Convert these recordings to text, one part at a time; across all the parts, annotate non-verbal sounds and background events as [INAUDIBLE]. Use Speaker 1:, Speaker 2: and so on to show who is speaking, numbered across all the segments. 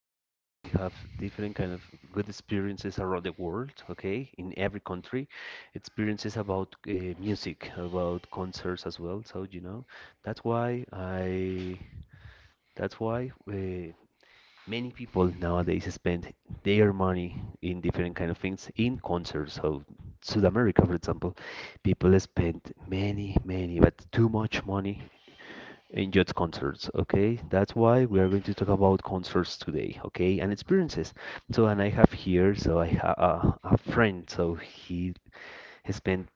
Speaker 1: nowadays we have different kind of good experiences around the world, okay, in every country, experiences about music, about concerts as well. So you know, that's why I, that's why Many people nowadays spend their money in different kind of things in concerts. So South America, for example, people spend many, many, but too much money enjoyed concerts, okay. That's why we are going to talk about concerts today, okay, and experiences. So and I have here, I have a friend. So he has spent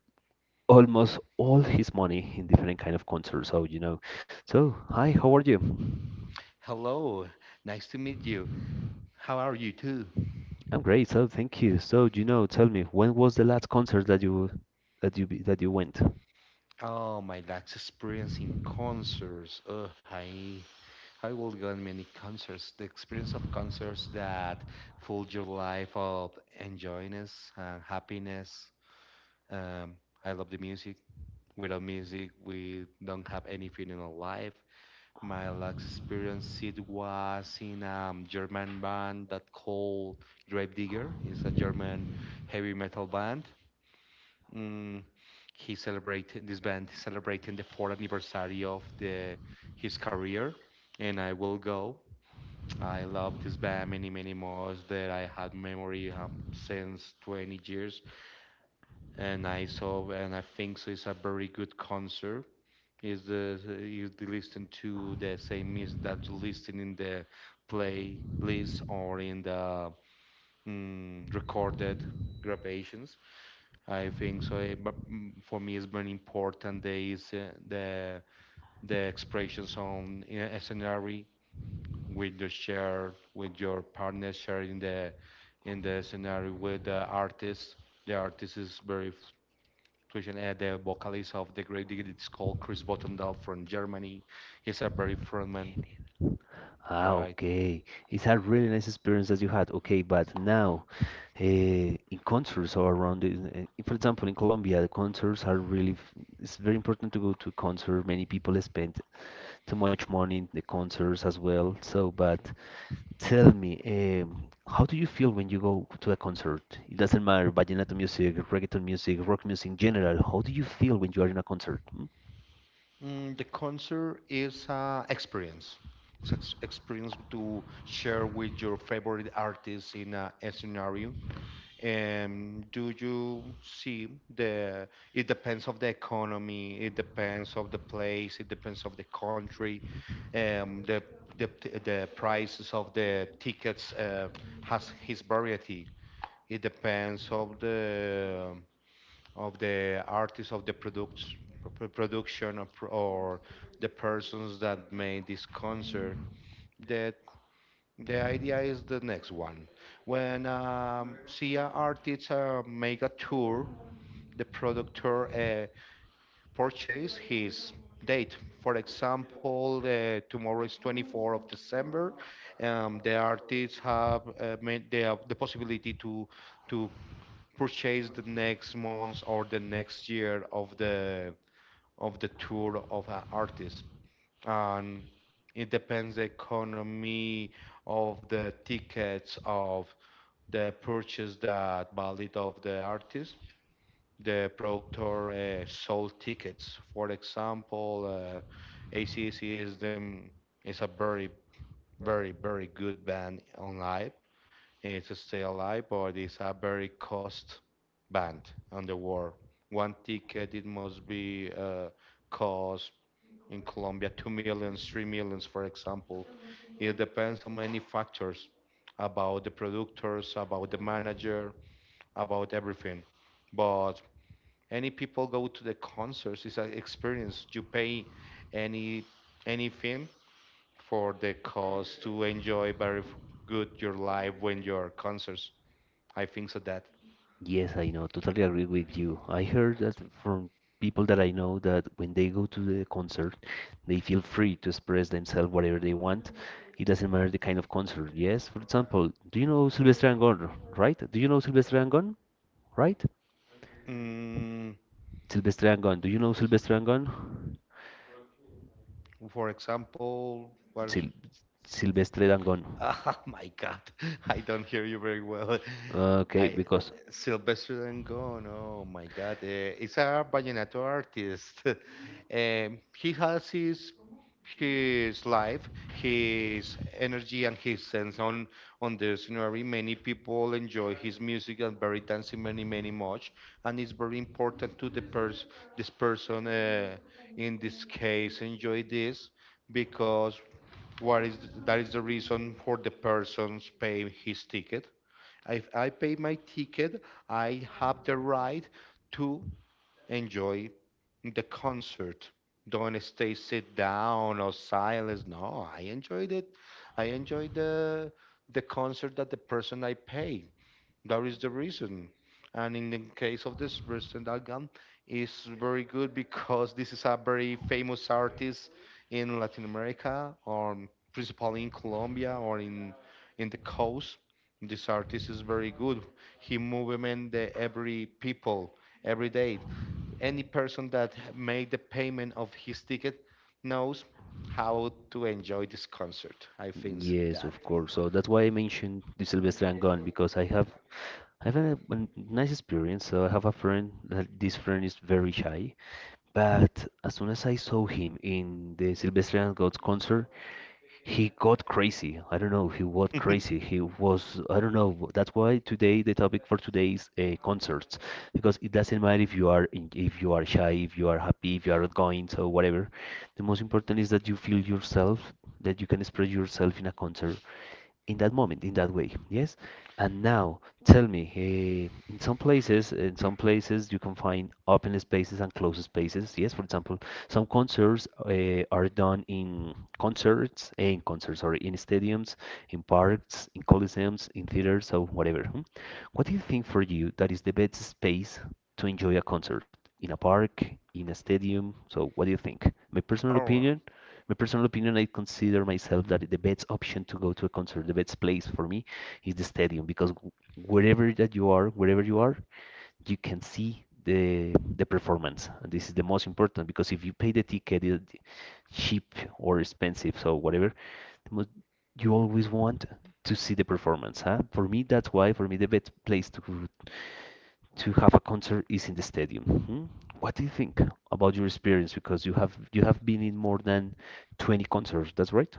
Speaker 1: almost all his money in different kind of concerts, Hi, how are you?
Speaker 2: Hello, nice to meet you. How are you too?
Speaker 1: I'm great, so thank you. So you know tell me, when was the last concert that you went?
Speaker 2: Oh, my last experience in concerts. I will go on many concerts. The experience of concerts that full your life of enjoyness and happiness. Um, I love the music. Without music, we don't have any feeling of life. My last experience it was in a German band that called Grave Digger. It's a German heavy metal band. Mm, he celebrated this band is celebrating the fourth anniversary of the his career, and I will go. I love this band many many more that I had memory since 20 years, and I saw and I think so it's a very good concert. Is the you listen to the same music that you listen in the playlist or in the recorded grabations? I think so. But for me, it's very important. There is the expression on in a scenario with the share with your partner sharing the in the scenario with the artist. The artist is very fusion. The vocalist of the Great Dig. It's called Chris Bottendal from Germany. He's a very frontman,
Speaker 1: Ah,
Speaker 2: right?
Speaker 1: okay. It's a really nice experience that you had. Okay, but now, in concerts or around, for example, in Colombia, the concerts are really, it's very important to go to a concert. Many people spend too much money in the concerts as well. So, but tell me, how do you feel when you go to a concert? It doesn't matter, vallenato music, reggaeton music, rock music in general. How do you feel when you are in a concert? Hmm?
Speaker 2: The concert is experience. It's experience to share with your favorite artist in a scenario. And do you see the, it depends of the economy, it depends of the place, it depends of the country, um, the, the, the prices of the tickets has his variety. It depends of the artist of the product, production or, or the persons that made this concert. The the idea is the next one. When CIA artists make a tour, the producer purchase his date. For example, tomorrow is 24 of December. The artists have made the possibility to to purchase the next month or the next year of the tour of an artist, and it depends the economy of the tickets of the purchase that valid of the artist, the productor sold tickets, for example, acc is the is a very very good band on live. It's still alive but it's a very cost band on the world. One ticket it must be cost in Colombia, 2 millions, 3 millions, for example. It depends on many factors, about the producers, about the manager, about everything. But any people go to the concerts, it's an experience. You pay any anything for the cost to enjoy very good your life when you're concerts. I think so that.
Speaker 1: Yes, I know. Totally agree with you. I heard that from people that I know that when they go to the concert, they feel free to express themselves whatever they want. It doesn't matter the kind of concert. Yes, for example, do you know Silvestre Angón, right? Do you know Silvestre Angón, right?
Speaker 2: Mm,
Speaker 1: Silvestre Angón. Do you know Silvestre Angón?
Speaker 2: for example, what.
Speaker 1: Sil Silvestre Angón.
Speaker 2: Oh [LAUGHS] my God, I don't hear you very well.
Speaker 1: Okay,
Speaker 2: I
Speaker 1: because
Speaker 2: Sylvester Dangond. Oh my God, he's a vallenato artist. [LAUGHS] He has his life, his energy, and his sense on the scenery. Many people enjoy his music and very dancing many many much, and it's very important to the pers this person in this case enjoy this because what is that is the reason for the person's paying his ticket. If I pay my ticket, I have the right to enjoy the concert. Don't stay sit down or silence. No, I enjoyed it. I enjoyed the concert that the person I pay. That is the reason. And in the case of this Rustem Dalgan, is very good because this is a very famous artist in Latin America, or principally in Colombia or in the coast. This artist is very good. He movement the every people every day. Any person that made the payment of his ticket knows how to enjoy this concert. I think so
Speaker 1: yes,
Speaker 2: that.
Speaker 1: of course. So that's why I mentioned the Sylvester and Gone, because I have. I have a nice experience. So I have a friend that this friend is very shy, but as soon as I saw him in the Sylvester and Gone concert, he got crazy. I don't know. He got
Speaker 2: [LAUGHS]
Speaker 1: crazy. He was. I don't know. That's why today the topic for today is concerts, because it doesn't matter if you are if you are shy, if you are happy, if you are outgoing, so whatever. The most important is that you feel yourself, that you can express yourself in a concert in that moment, in that way. Yes. And now tell me, in some places you can find open spaces and closed spaces. Yes. For example, some concerts eh, are done in concerts, eh, in concerts, sorry, in stadiums, in parks, in coliseums, in theaters, so whatever. Hmm? What do you think for you that is the best space to enjoy a concert? In a park, in a stadium? So what do you think?
Speaker 2: All right.
Speaker 1: My personal opinion, I consider myself that the best option to go to a concert, the best place for me is the stadium, because wherever that you are, wherever you are, you can see the performance, and this is the most important, because if you pay the ticket, it, cheap or expensive, so whatever, the most, you always want to see the performance. Huh? For me, that's why for me the best place to have a concert is in the stadium. Hmm? What do you think about your experience? Because you have, you have been in more than 20 concerts, that's right?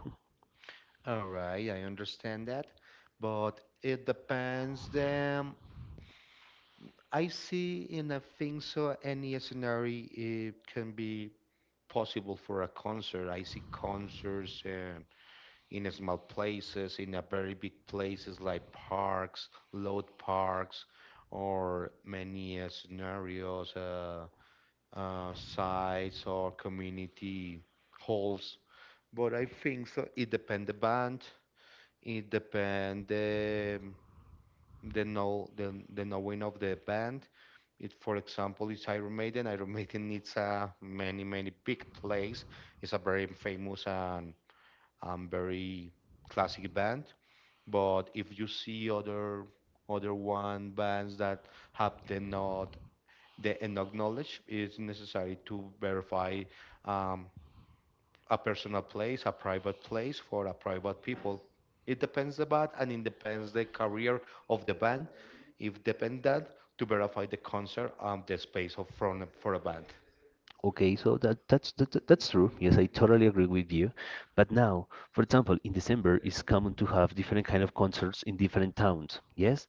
Speaker 2: All right, I understand that, but it depends. Then I see, in a thing, so. Any scenario it can be possible for a concert. I see concerts in a small places, in a very big places like parks, load parks, or many scenarios, sites or community halls. But I think so. It depends the band. It depend the know the knowing of the band. It, for example, it's Iron Maiden. Iron [LAUGHS] Maiden needs a many many big plays. It's a very famous and very classic band. But if you see other one bands that have the not the enough knowledge, it's necessary to verify um, a personal place, a private place for a private people. It depends the band and it depends the career of the band. If depend that to verify the concert and the space of front for a band.
Speaker 1: Okay, so that, that's true. Yes, I totally agree with you. But now, for example, in December, it's common to have different kind of concerts in different towns. Yes,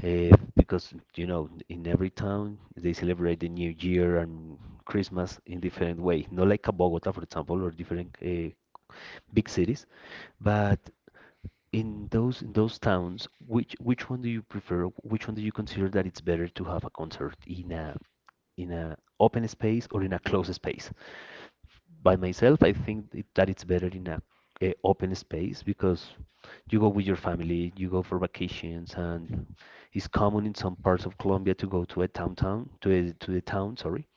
Speaker 1: because you know, in every town they celebrate the New Year and Christmas in different way. Not like a Bogota, for example, or different big cities. But in those, in those towns, which one do you prefer? Which one do you consider that it's better to have a concert in a, in a open space or in a closed space? By myself, I think it, that it's better in a open space because you go with your family, you go for vacations, and it's common in some parts of Colombia to go to a downtown to to the town, sorry,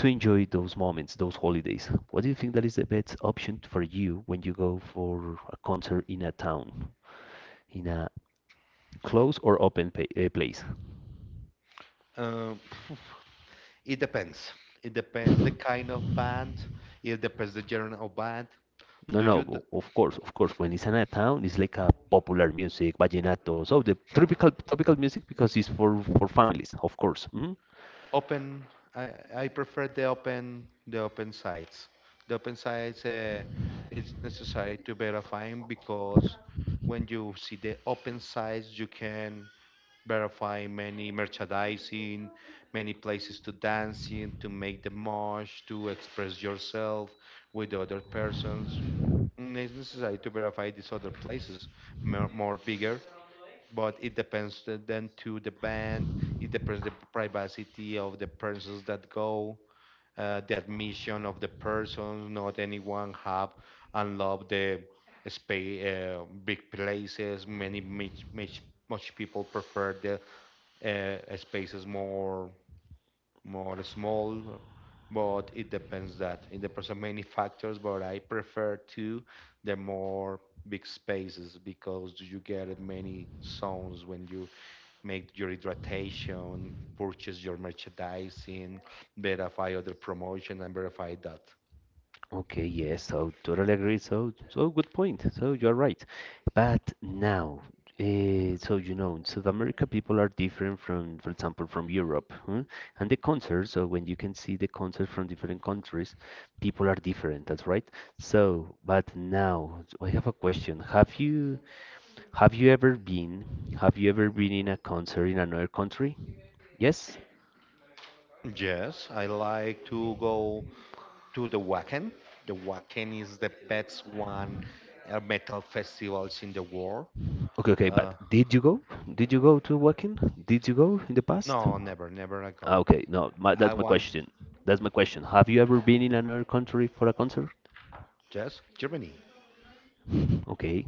Speaker 1: to enjoy those moments, those holidays. What do you think that is the best option for you when you go for a concert in a town, in a close or open pa place?
Speaker 2: Um, [SIGHS] it depends. It depends the kind of band. It depends the genre of band.
Speaker 1: No,
Speaker 2: Do
Speaker 1: no,
Speaker 2: you
Speaker 1: of course, of course. When it's in a town, it's like a popular music, vallenato. So the tropical, tropical music, because it's for families, of course. Mm?
Speaker 2: open I prefer the open sites, the open sites, it's necessary to verifying because when you see the open sites you can verify many merchandising, many places to dance in, to make the mosh, to express yourself with other persons. It's necessary to verify these other places more, more bigger, but it depends the- then to the band. It depends the privacy of the persons that go, the admission of the persons, not anyone have and love the space. Big places many much, much much people prefer the spaces more more small, but it depends that, it depends on many factors, but I prefer to the more big spaces because you get many sounds when you make your hydration, purchase your merchandising, verify other promotion, and verify that.
Speaker 1: Okay, yes, so totally agree. So, so good point. So you're right. But now, in South America, people are different from, for example, from Europe, huh? And the concerts, so when you can see the concerts from different countries, people are different. That's right. So, but now, so, I have a question. Have you ever been, have you ever been in a concert in another country? Yes?
Speaker 2: Yes, I like to go to the Wacken. The Wacken is the best one metal festivals in the world.
Speaker 1: Okay, okay,
Speaker 2: Uh,
Speaker 1: but did you go? Did you go to Wacken? Did you go in the past?
Speaker 2: no, never, never I
Speaker 1: Ah,
Speaker 2: go.
Speaker 1: okay, no, my,
Speaker 2: I
Speaker 1: that's my
Speaker 2: want.
Speaker 1: question. That's my question. Have you ever been in another country for a concert?
Speaker 2: Yes, Germany.
Speaker 1: Okay,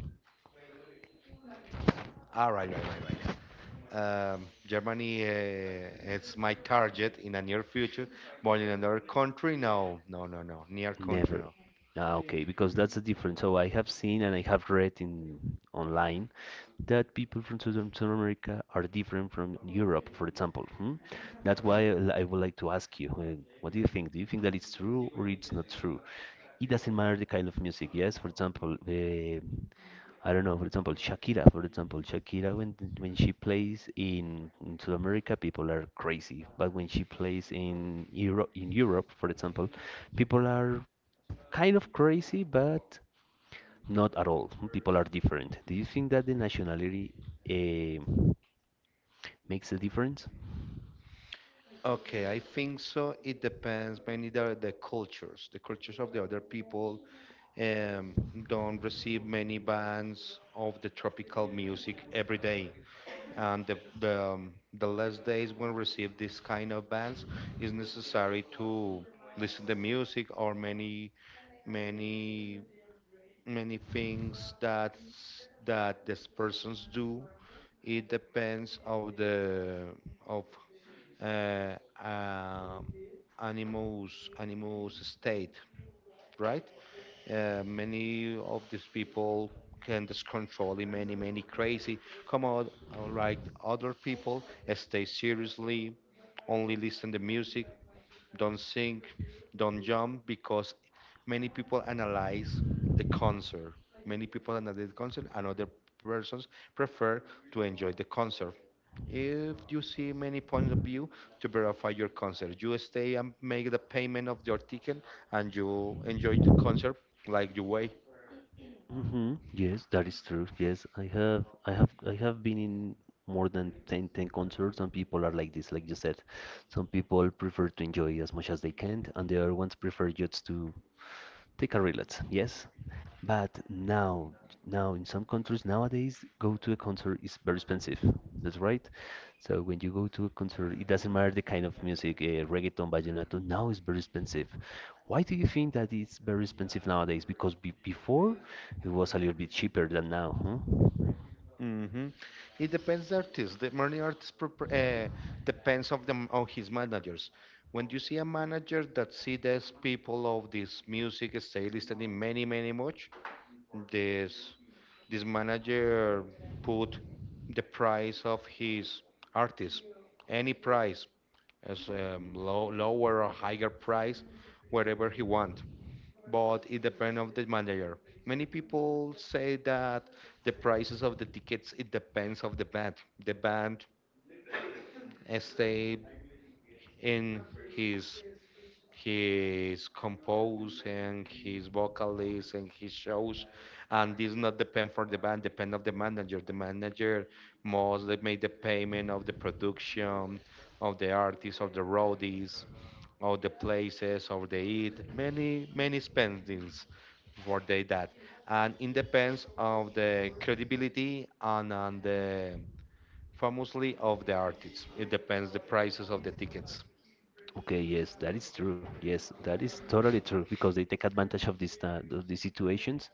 Speaker 2: Ah, right, right, right, right. Germany, it's my target in the near future. But in another country, no, no, no, no. Near country,
Speaker 1: never.
Speaker 2: no.
Speaker 1: Ah, okay, because that's the difference. So I have seen and I have read in online that people from Southern South America are different from Europe, for example. Hmm? That's why I would like to ask you, what do you think? Do you think that it's true or it's not true? It doesn't matter the kind of music, yes? For example, I don't know, for example, Shakira when she plays in South America, people are crazy, but when she plays in Europe, for example, people are kind of crazy, but not at all. People are different. Do you think that the nationality eh, makes a difference?
Speaker 2: Okay, I think so. It depends mainly the cultures. The cultures of the other people um, don't receive many bands of the tropical music every day. And the less days when receive this kind of bands is necessary to listen to music or many, many, many things that's, that these persons do. It depends of the of uh, uh, animals state, right. Many of these people can just control in many many crazy, come out like other people stay seriously, only listen to music, don't sing, don't jump, because many people analyze the concert, many people analyze the concert and other persons prefer to enjoy the concert. If you see many points of view to verify your concert, you stay and make the payment of your ticket and you enjoy the concert like you way.
Speaker 1: Hmm, yes, that is true. Yes, I have, I have, I have been in more than ten concerts, and people are like this, like you said. Some people prefer to enjoy as much as they can, and the other ones prefer just to take a relapse, yes. But now, now in some countries nowadays, go to a concert is very expensive. That's right. So when you go to a concert, it doesn't matter the kind of music, reggaeton, vallenato. Now it's very expensive. Why do you think that it's very expensive nowadays? Because be before it was a little bit cheaper than now, huh?
Speaker 2: hmm It depends the artist. The many artist depends of them on his managers. When you see a manager that see these people of this music style listening many many much, this this manager put the price of his artist, any price as low, lower or higher price, wherever he want. But it depends of the manager. Many people say that the prices of the tickets it depends of the band. The band stay in his his compose and his vocalist and his shows, and this not depend for the band, depend of the manager. The manager mostly make the payment of the production, of the artists, of the roadies, of the places, of the eat, many many spendings for they that, and it depends of the credibility and on the famously of the artists, it depends the prices of the tickets.
Speaker 1: Okay, yes, that is true. Yes, that is totally true because they take advantage of these situations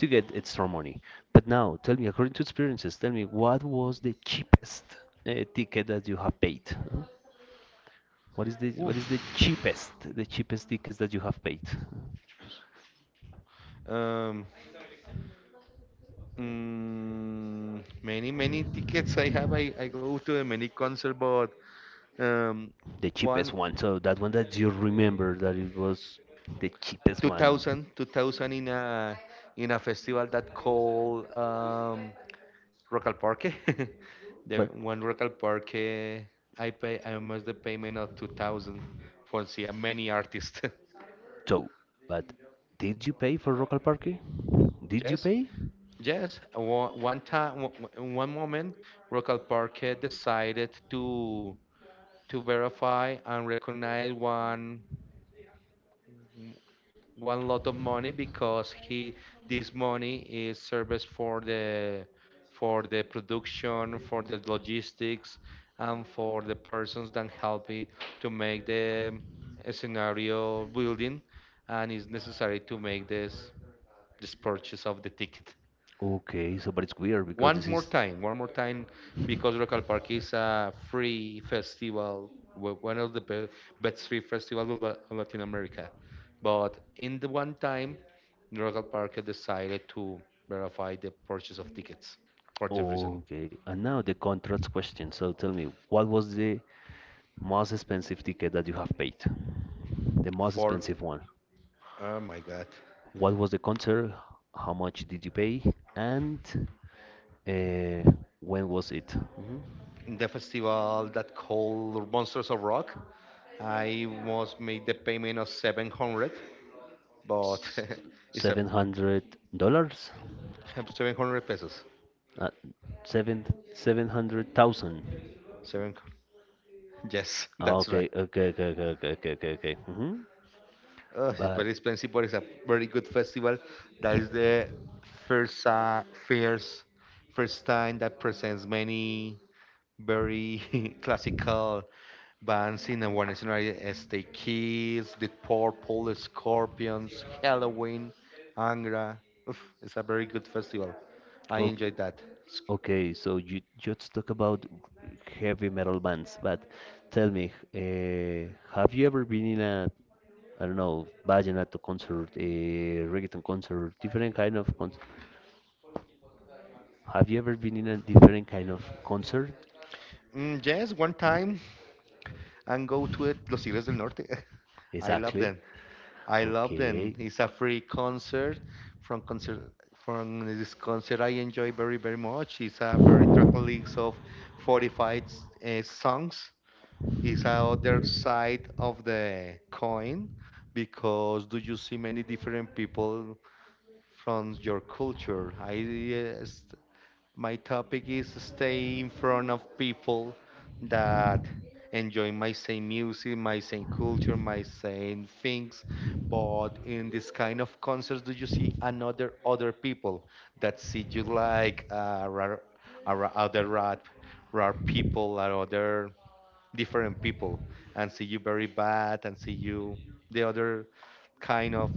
Speaker 1: to get extra money. But now, tell me, according to experiences, tell me what was the cheapest ticket that you have paid? Huh? What is the,
Speaker 2: Oof.
Speaker 1: what is the cheapest, the cheapest tickets that you have paid?
Speaker 2: Um, many many tickets I have. I go to a many concert, but um,
Speaker 1: The cheapest
Speaker 2: one
Speaker 1: one. So that one that you remember that it was the cheapest
Speaker 2: two
Speaker 1: one.
Speaker 2: thousand two thousand in a festival that called Rock al Parque. [LAUGHS] the one Rock al Parque, I pay I must the payment of 2000 for see a many artists. [LAUGHS]
Speaker 1: So, but did you pay for local parking? Did you
Speaker 2: yes,
Speaker 1: pay?
Speaker 2: yes. One, time, one time, one moment, Rock al Parque decided to. To verify and recognize one lot of money because he this money is service for the production, for the logistics, and for the persons that help me to make the scenario building, and it's necessary to make this purchase of the ticket.
Speaker 1: Okay, so but it's weird because this is.
Speaker 2: One more time, because Local Park is a free festival, one of the best free festivals of of Latin America. But in the one time, Local Park decided to verify the purchase of tickets for the reason.
Speaker 1: Okay, and now the contracts question. So tell me, what was the most expensive ticket that you have paid? The most
Speaker 2: For,
Speaker 1: expensive one.
Speaker 2: oh my God,
Speaker 1: What was the concert? How much did you pay? And uh, when was it? Mhm.
Speaker 2: the festival that called Monsters of Rock, I was made the payment of 700, but [LAUGHS] it's a
Speaker 1: $700?
Speaker 2: [LAUGHS] 700 pesos.
Speaker 1: Uh, seven, seven hundred thousand.
Speaker 2: Seven, yes, [LAUGHS]
Speaker 1: Ah,
Speaker 2: that's right.
Speaker 1: okay, okay, okay, okay, okay, okay, okay, okay. Hmm.
Speaker 2: It's
Speaker 1: But
Speaker 2: very expensive, but it's a very good festival. That is the first first time that presents many very [LAUGHS] classical bands in a one scenario as the Kids, the Purple, the Scorpions, Halloween, Angra. Oof, it's a very good festival. I
Speaker 1: okay.
Speaker 2: enjoyed that. S-
Speaker 1: Okay, so you just talk about heavy metal bands, but tell me, have you ever been in I don't know, vallenato concert, a reggaeton concert, different kind of concert? Have you ever been in a different kind of concert?
Speaker 2: Mm, yes, one time and go to it, Los Tigres del Norte. [LAUGHS] I love
Speaker 1: Exactly.
Speaker 2: them. I love them.
Speaker 1: Okay.
Speaker 2: It's a free concert from concert from this concert I enjoy very much. It's a very track list of 45 songs. It's a other side of the coin because do you see many different people from your culture? My topic is stay in front of people that enjoy my same music, my same culture, my same things. But in this kind of concerts, do you see another other people that see you like other rap, rare people, or other different people, and see you very bad, and see you the other kind of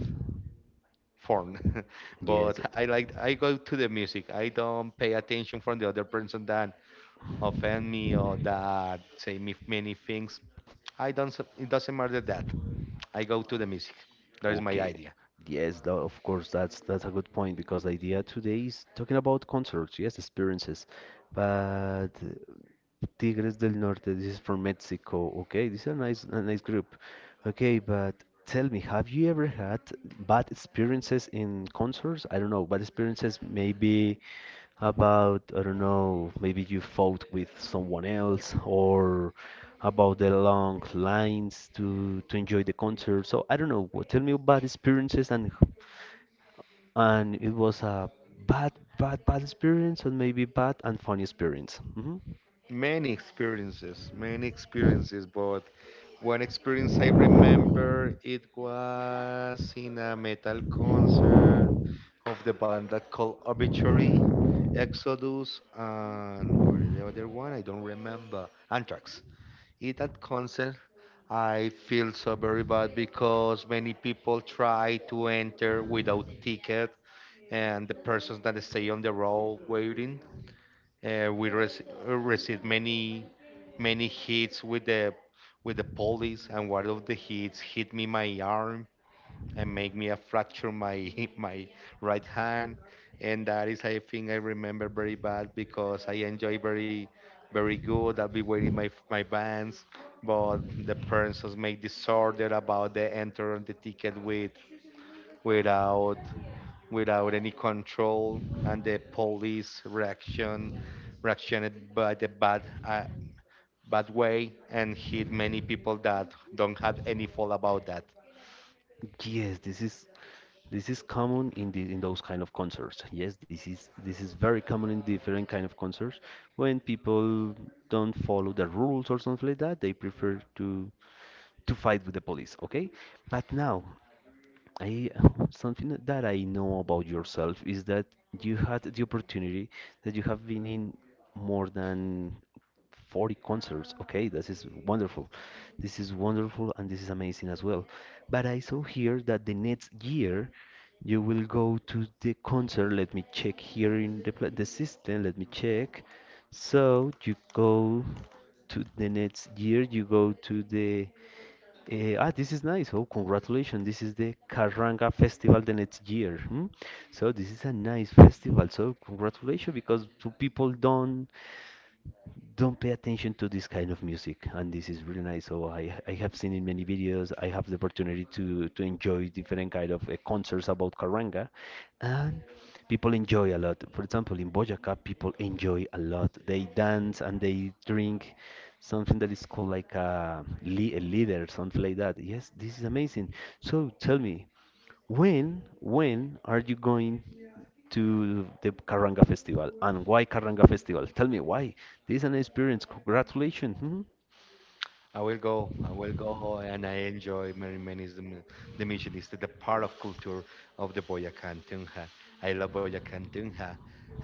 Speaker 2: phone. [LAUGHS] But
Speaker 1: Yes.
Speaker 2: I like, I go to the music, I don't pay attention from the other person that offend me or that say me many things. I don't s- It doesn't matter that I go to the music. That is my
Speaker 1: Okay.
Speaker 2: idea.
Speaker 1: Yes, of course, that's a good point, because the idea today is talking about concerts, yes, experiences. But Tigres del Norte, this is from Mexico. Okay, this is a nice, a nice group. Okay, but tell me, have you ever had bad experiences in concerts? I don't know, bad experiences. Maybe how about, I don't know, maybe you fought with someone else, or how about the long lines to enjoy the concert. So I don't know. Tell me about experiences and it was a bad, bad experience, or maybe bad and funny experience. Hmm.
Speaker 2: Many experiences, but one experience I remember, it was in a metal concert of the band that called Obituary, Exodus, and what is the other one? I don't remember. Anthrax. In that concert, I feel so very bad because many people try to enter without ticket, and the persons that stay on the road waiting, receive many many hits with the police, and one of the hits hit me my arm, and make me a fracture my [LAUGHS] my right hand. And that is, I think, I remember very bad because I enjoy very very good. I'll be wearing my my bands, but the parents just make disorder about the enter the ticket with without without any control, and the police reactioned by the bad bad way and hit many people that don't have any fault about that.
Speaker 1: Yes, this is, this is common in the, in those kind of concerts. Yes, this is, this is very common in different kind of concerts when people don't follow the rules or something like that. They prefer to fight with the police, okay? But now, I [LAUGHS] something that I know about yourself is that you had the opportunity that you have been in more than 40 concerts, okay? This is wonderful. This is wonderful and this is amazing as well. But I saw here that the next year you will go to the concert. Let me check here in the the system. Let me check. So you go to the next year you go to the eh, ah, this is nice. Oh, congratulations. This is the Karanga Festival the next year. Hmm? So this is a nice festival. So congratulations because two people don't pay attention to this kind of music, and this is really nice. So I have seen in many videos. I have the opportunity to enjoy different kind of concerts about karanga, and people enjoy a lot. For example, in Boyaca, people enjoy a lot. They dance and they drink something that is called like a leader, something like that. Yes, this is amazing. So tell me, when are you going to the Karanga Festival, and why Karanga Festival? Tell me why. This is an experience. Congratulations. Hmm?
Speaker 2: I will go. I will go, and I enjoy many many is the, the mission is the part of culture of the Boyacan Tunja. I love Boyacan Tunja,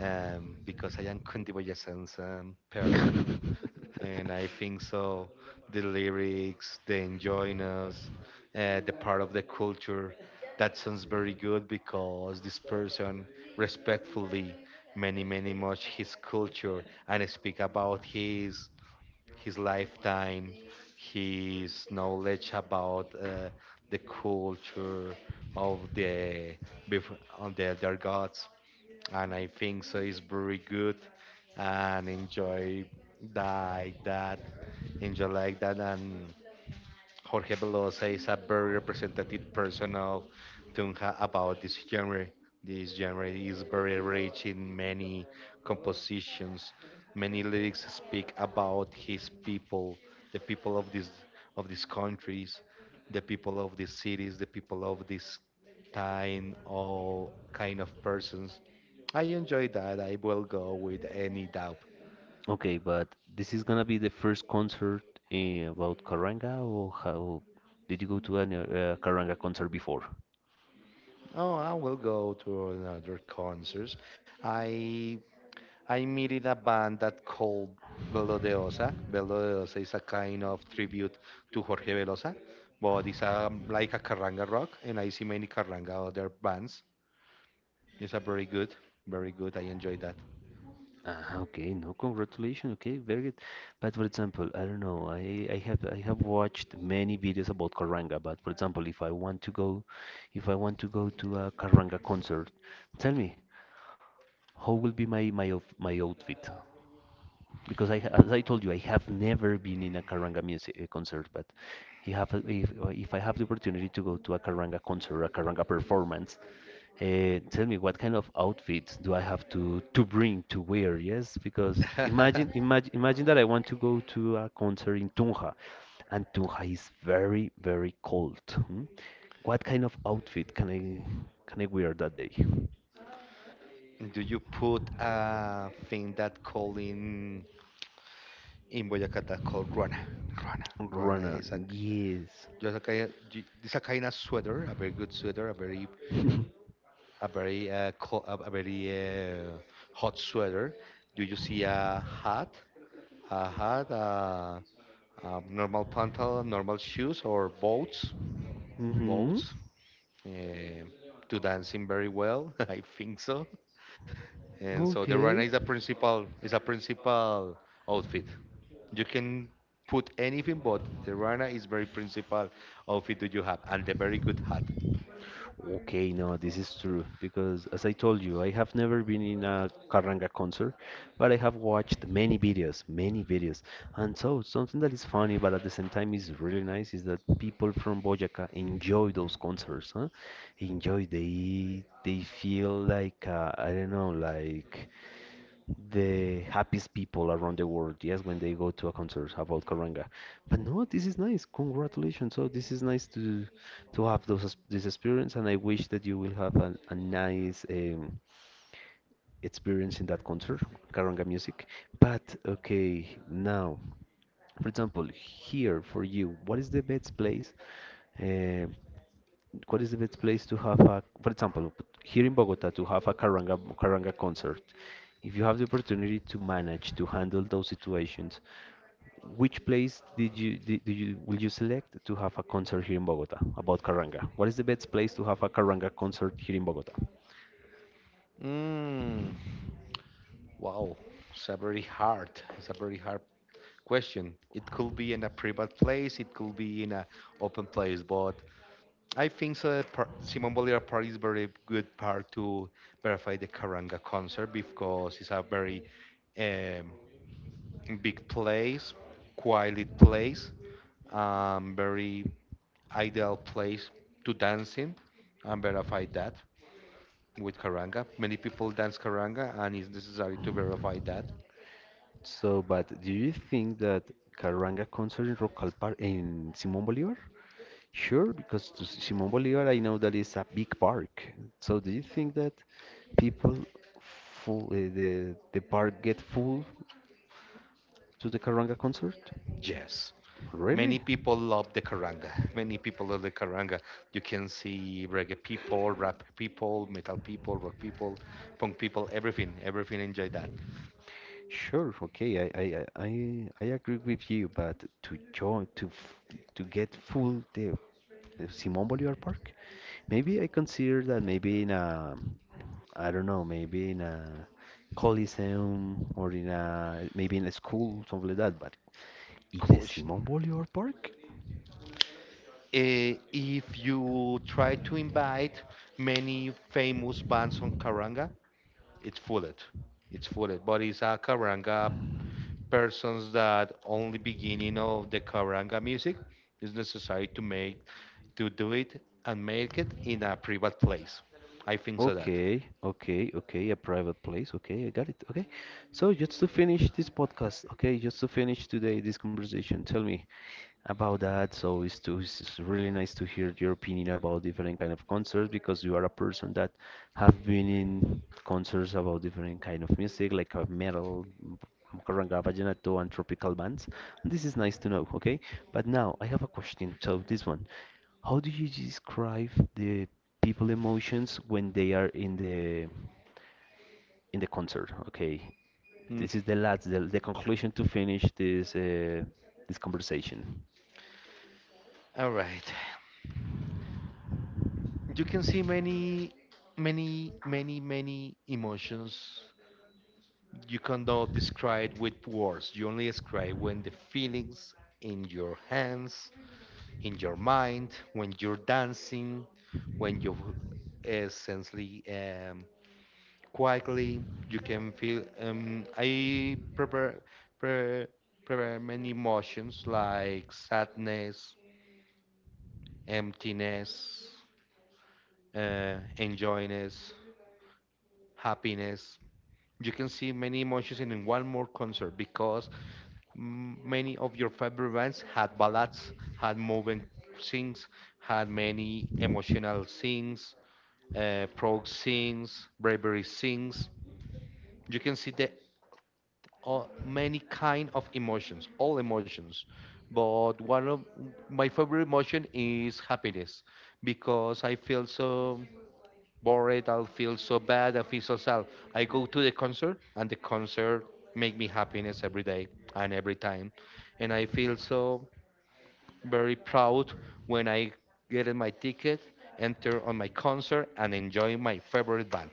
Speaker 2: because I am Cundiboyacan's person,
Speaker 1: [LAUGHS]
Speaker 2: and I think so. The lyrics, the enjoying us, the part of the culture, that sounds very good because this person respectfully many many much his culture and speak about his lifetime, his knowledge about the culture of the on the their gods, and I think so is very good and like that, enjoy like that, and Jorge Velosa is a very representative person of Tunja about this genre. This genre is very rich in many compositions. Many lyrics speak about his people, the people of this of these countries, the people of these cities, the people of this time, all kind of persons. I enjoy that. I will go with any doubt.
Speaker 1: Okay, but this is gonna be the first concert, about Karanga, or how did you go to any Karanga concert before?
Speaker 2: Oh, I will go to another concerts. I I meeted a band that called Belo de Osa. Belo de Osa is a kind of tribute to Jorge Velosa, but it's a, like a carranga rock, and I see many carranga other bands. It's a very good, very good. I enjoy that.
Speaker 1: Ah, okay, no, congratulations. Okay, very good. But for example, I don't know. I have watched many videos about Karanga. But for example, if I want to go, if I want to go to a Karanga concert, tell me, how will be my my outfit? Because I, as I told you, I have never been in a Karanga music concert, but he have, if I have the opportunity to go to a Karanga concert, a Karanga performance, tell me, what kind of outfit do I have to bring to wear? Yes, because imagine,
Speaker 2: [LAUGHS]
Speaker 1: imagine, imagine that I want to go to a concert in Tunja, and Tunja is very, very cold. Hmm? What kind of outfit can I wear that day?
Speaker 2: Do you put a thing that called in Boyacá that called ruana? Ruana, ruana
Speaker 1: Runner,
Speaker 2: is a
Speaker 1: yes.
Speaker 2: just a kind, of, it's a kind of sweater, a very good sweater, a very
Speaker 1: [LAUGHS]
Speaker 2: a very hot sweater. Do you see a hat, a hat, a normal pantalon, normal shoes, or boots,
Speaker 1: Hmm.
Speaker 2: boots um to dancing very well? [LAUGHS] I think so. And so the runner
Speaker 1: Okay.
Speaker 2: is a principal outfit. You can put anything, but the runner is very principal outfit that you have, and the very good hat.
Speaker 1: Okay, no, this is true because, as I told you, I have never been in a Karanga concert, but I have watched many videos, many videos. And so, something that is funny but at the same time is really nice is that people from Boyacá enjoy those concerts, huh? Enjoy, they feel like, I don't know, like the happiest people around the world, yes, when they go to a concert about Karanga. But no, this is nice. Congratulations. So this is nice to have this experience, and I wish that you will have a nice experience in that concert, Karanga music. But okay, now, for example, here for you, what is the best place? Uh, what is the best place to have a, for example, here in Bogota to have a Karanga concert? If you have the opportunity to manage to handle those situations, which place did you did, do you will you select to have a concert here in Bogota about Karanga? What is the best place to have a Karanga concert here in Bogota?
Speaker 2: Mm, wow, it's a very hard. It's a very hard question. It could be in a private place, it could be in a open place, but I think so that Simon Bolivar part is very good part to verify the Karanga concert because it's a very um, big place, quiet place, very ideal place to dancing and verify that with Karanga. Many people dance Karanga and it's necessary to verify that.
Speaker 1: So, but do you think that Karanga concert in Rock in Simón Bolívar? Sure, because to Simon Bolivar, I know that is a big park. So do you think that people full, the park get full to the Karanga concert?
Speaker 2: Yes. Many
Speaker 1: Really?
Speaker 2: people love the caranga. [LAUGHS] Many people love the caranga. You can see reggae people, rap people, metal people, rock people, punk people, everything. Everything enjoy that.
Speaker 1: Sure. Okay, I agree with you, but to join to get full the Simon Bolivar Park, maybe I consider that maybe in a, I don't know, maybe in a coliseum, or in a, maybe in a school, something like that. But in the
Speaker 2: Cool.
Speaker 1: Simón Bolívar Park.
Speaker 2: If you try to invite many famous bands on caranga, it's full, it's full, but it's a caranga persons that only beginning of the caranga music is necessary to make to do it and make it in a private place. I think so that.
Speaker 1: Okay, okay, okay, a private place. Okay, I got it. Okay. So just to finish this podcast, okay, just to finish today this conversation, tell me about that. So it's too, it's really nice to hear your opinion about different kind of concerts, because you are a person that have been in concerts about different kind of music, like metal, carranga, vallenato, and tropical bands. This is nice to know, okay? But now I have a question. So this one, how do you describe the people emotions when they are in the concert. Okay,
Speaker 2: Mm,
Speaker 1: this is the last the conclusion to finish this conversation.
Speaker 2: all right. You can see many emotions you cannot describe with words. You only describe when the feelings in your hands, in your mind, when you're dancing, when you essentially quietly, you can feel. Prepare, prepare many emotions like sadness, emptiness, enjoyness, happiness. You can see many emotions in one more concert because many of your favorite bands had ballads, had moving scenes, had many emotional scenes, prog scenes, bravery scenes. You can see the many kind of emotions, all emotions. But one of my favorite emotion is happiness because I feel so bored. I'll feel so bad. I feel so sad. I go to the concert, and the concert make me happiness every day and every time, and I feel so very proud when I get my ticket, enter on my concert, and enjoy my favorite band.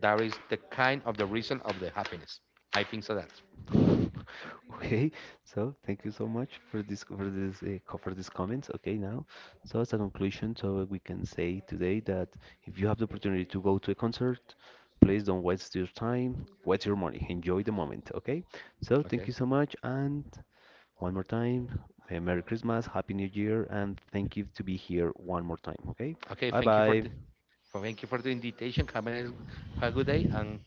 Speaker 2: That is the kind of the reason of the happiness. I think so that.
Speaker 1: [LAUGHS] Okay, so thank you so much for these comments. Okay, now, so as a conclusion, so we can say today that if you have the opportunity to go to a concert, please don't waste your time, waste your money. Enjoy the moment, okay? So, thank
Speaker 2: Okay.
Speaker 1: you so much, and one more time. Merry Christmas, Happy New Year, and thank you to be here one more time. Okay,
Speaker 2: Okay.
Speaker 1: bye
Speaker 2: Thank you for
Speaker 1: bye.
Speaker 2: the thank you for the invitation. Have a, nice, have a good day and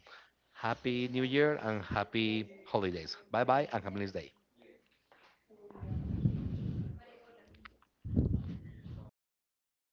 Speaker 2: happy New Year and happy holidays. Bye bye and have a nice day.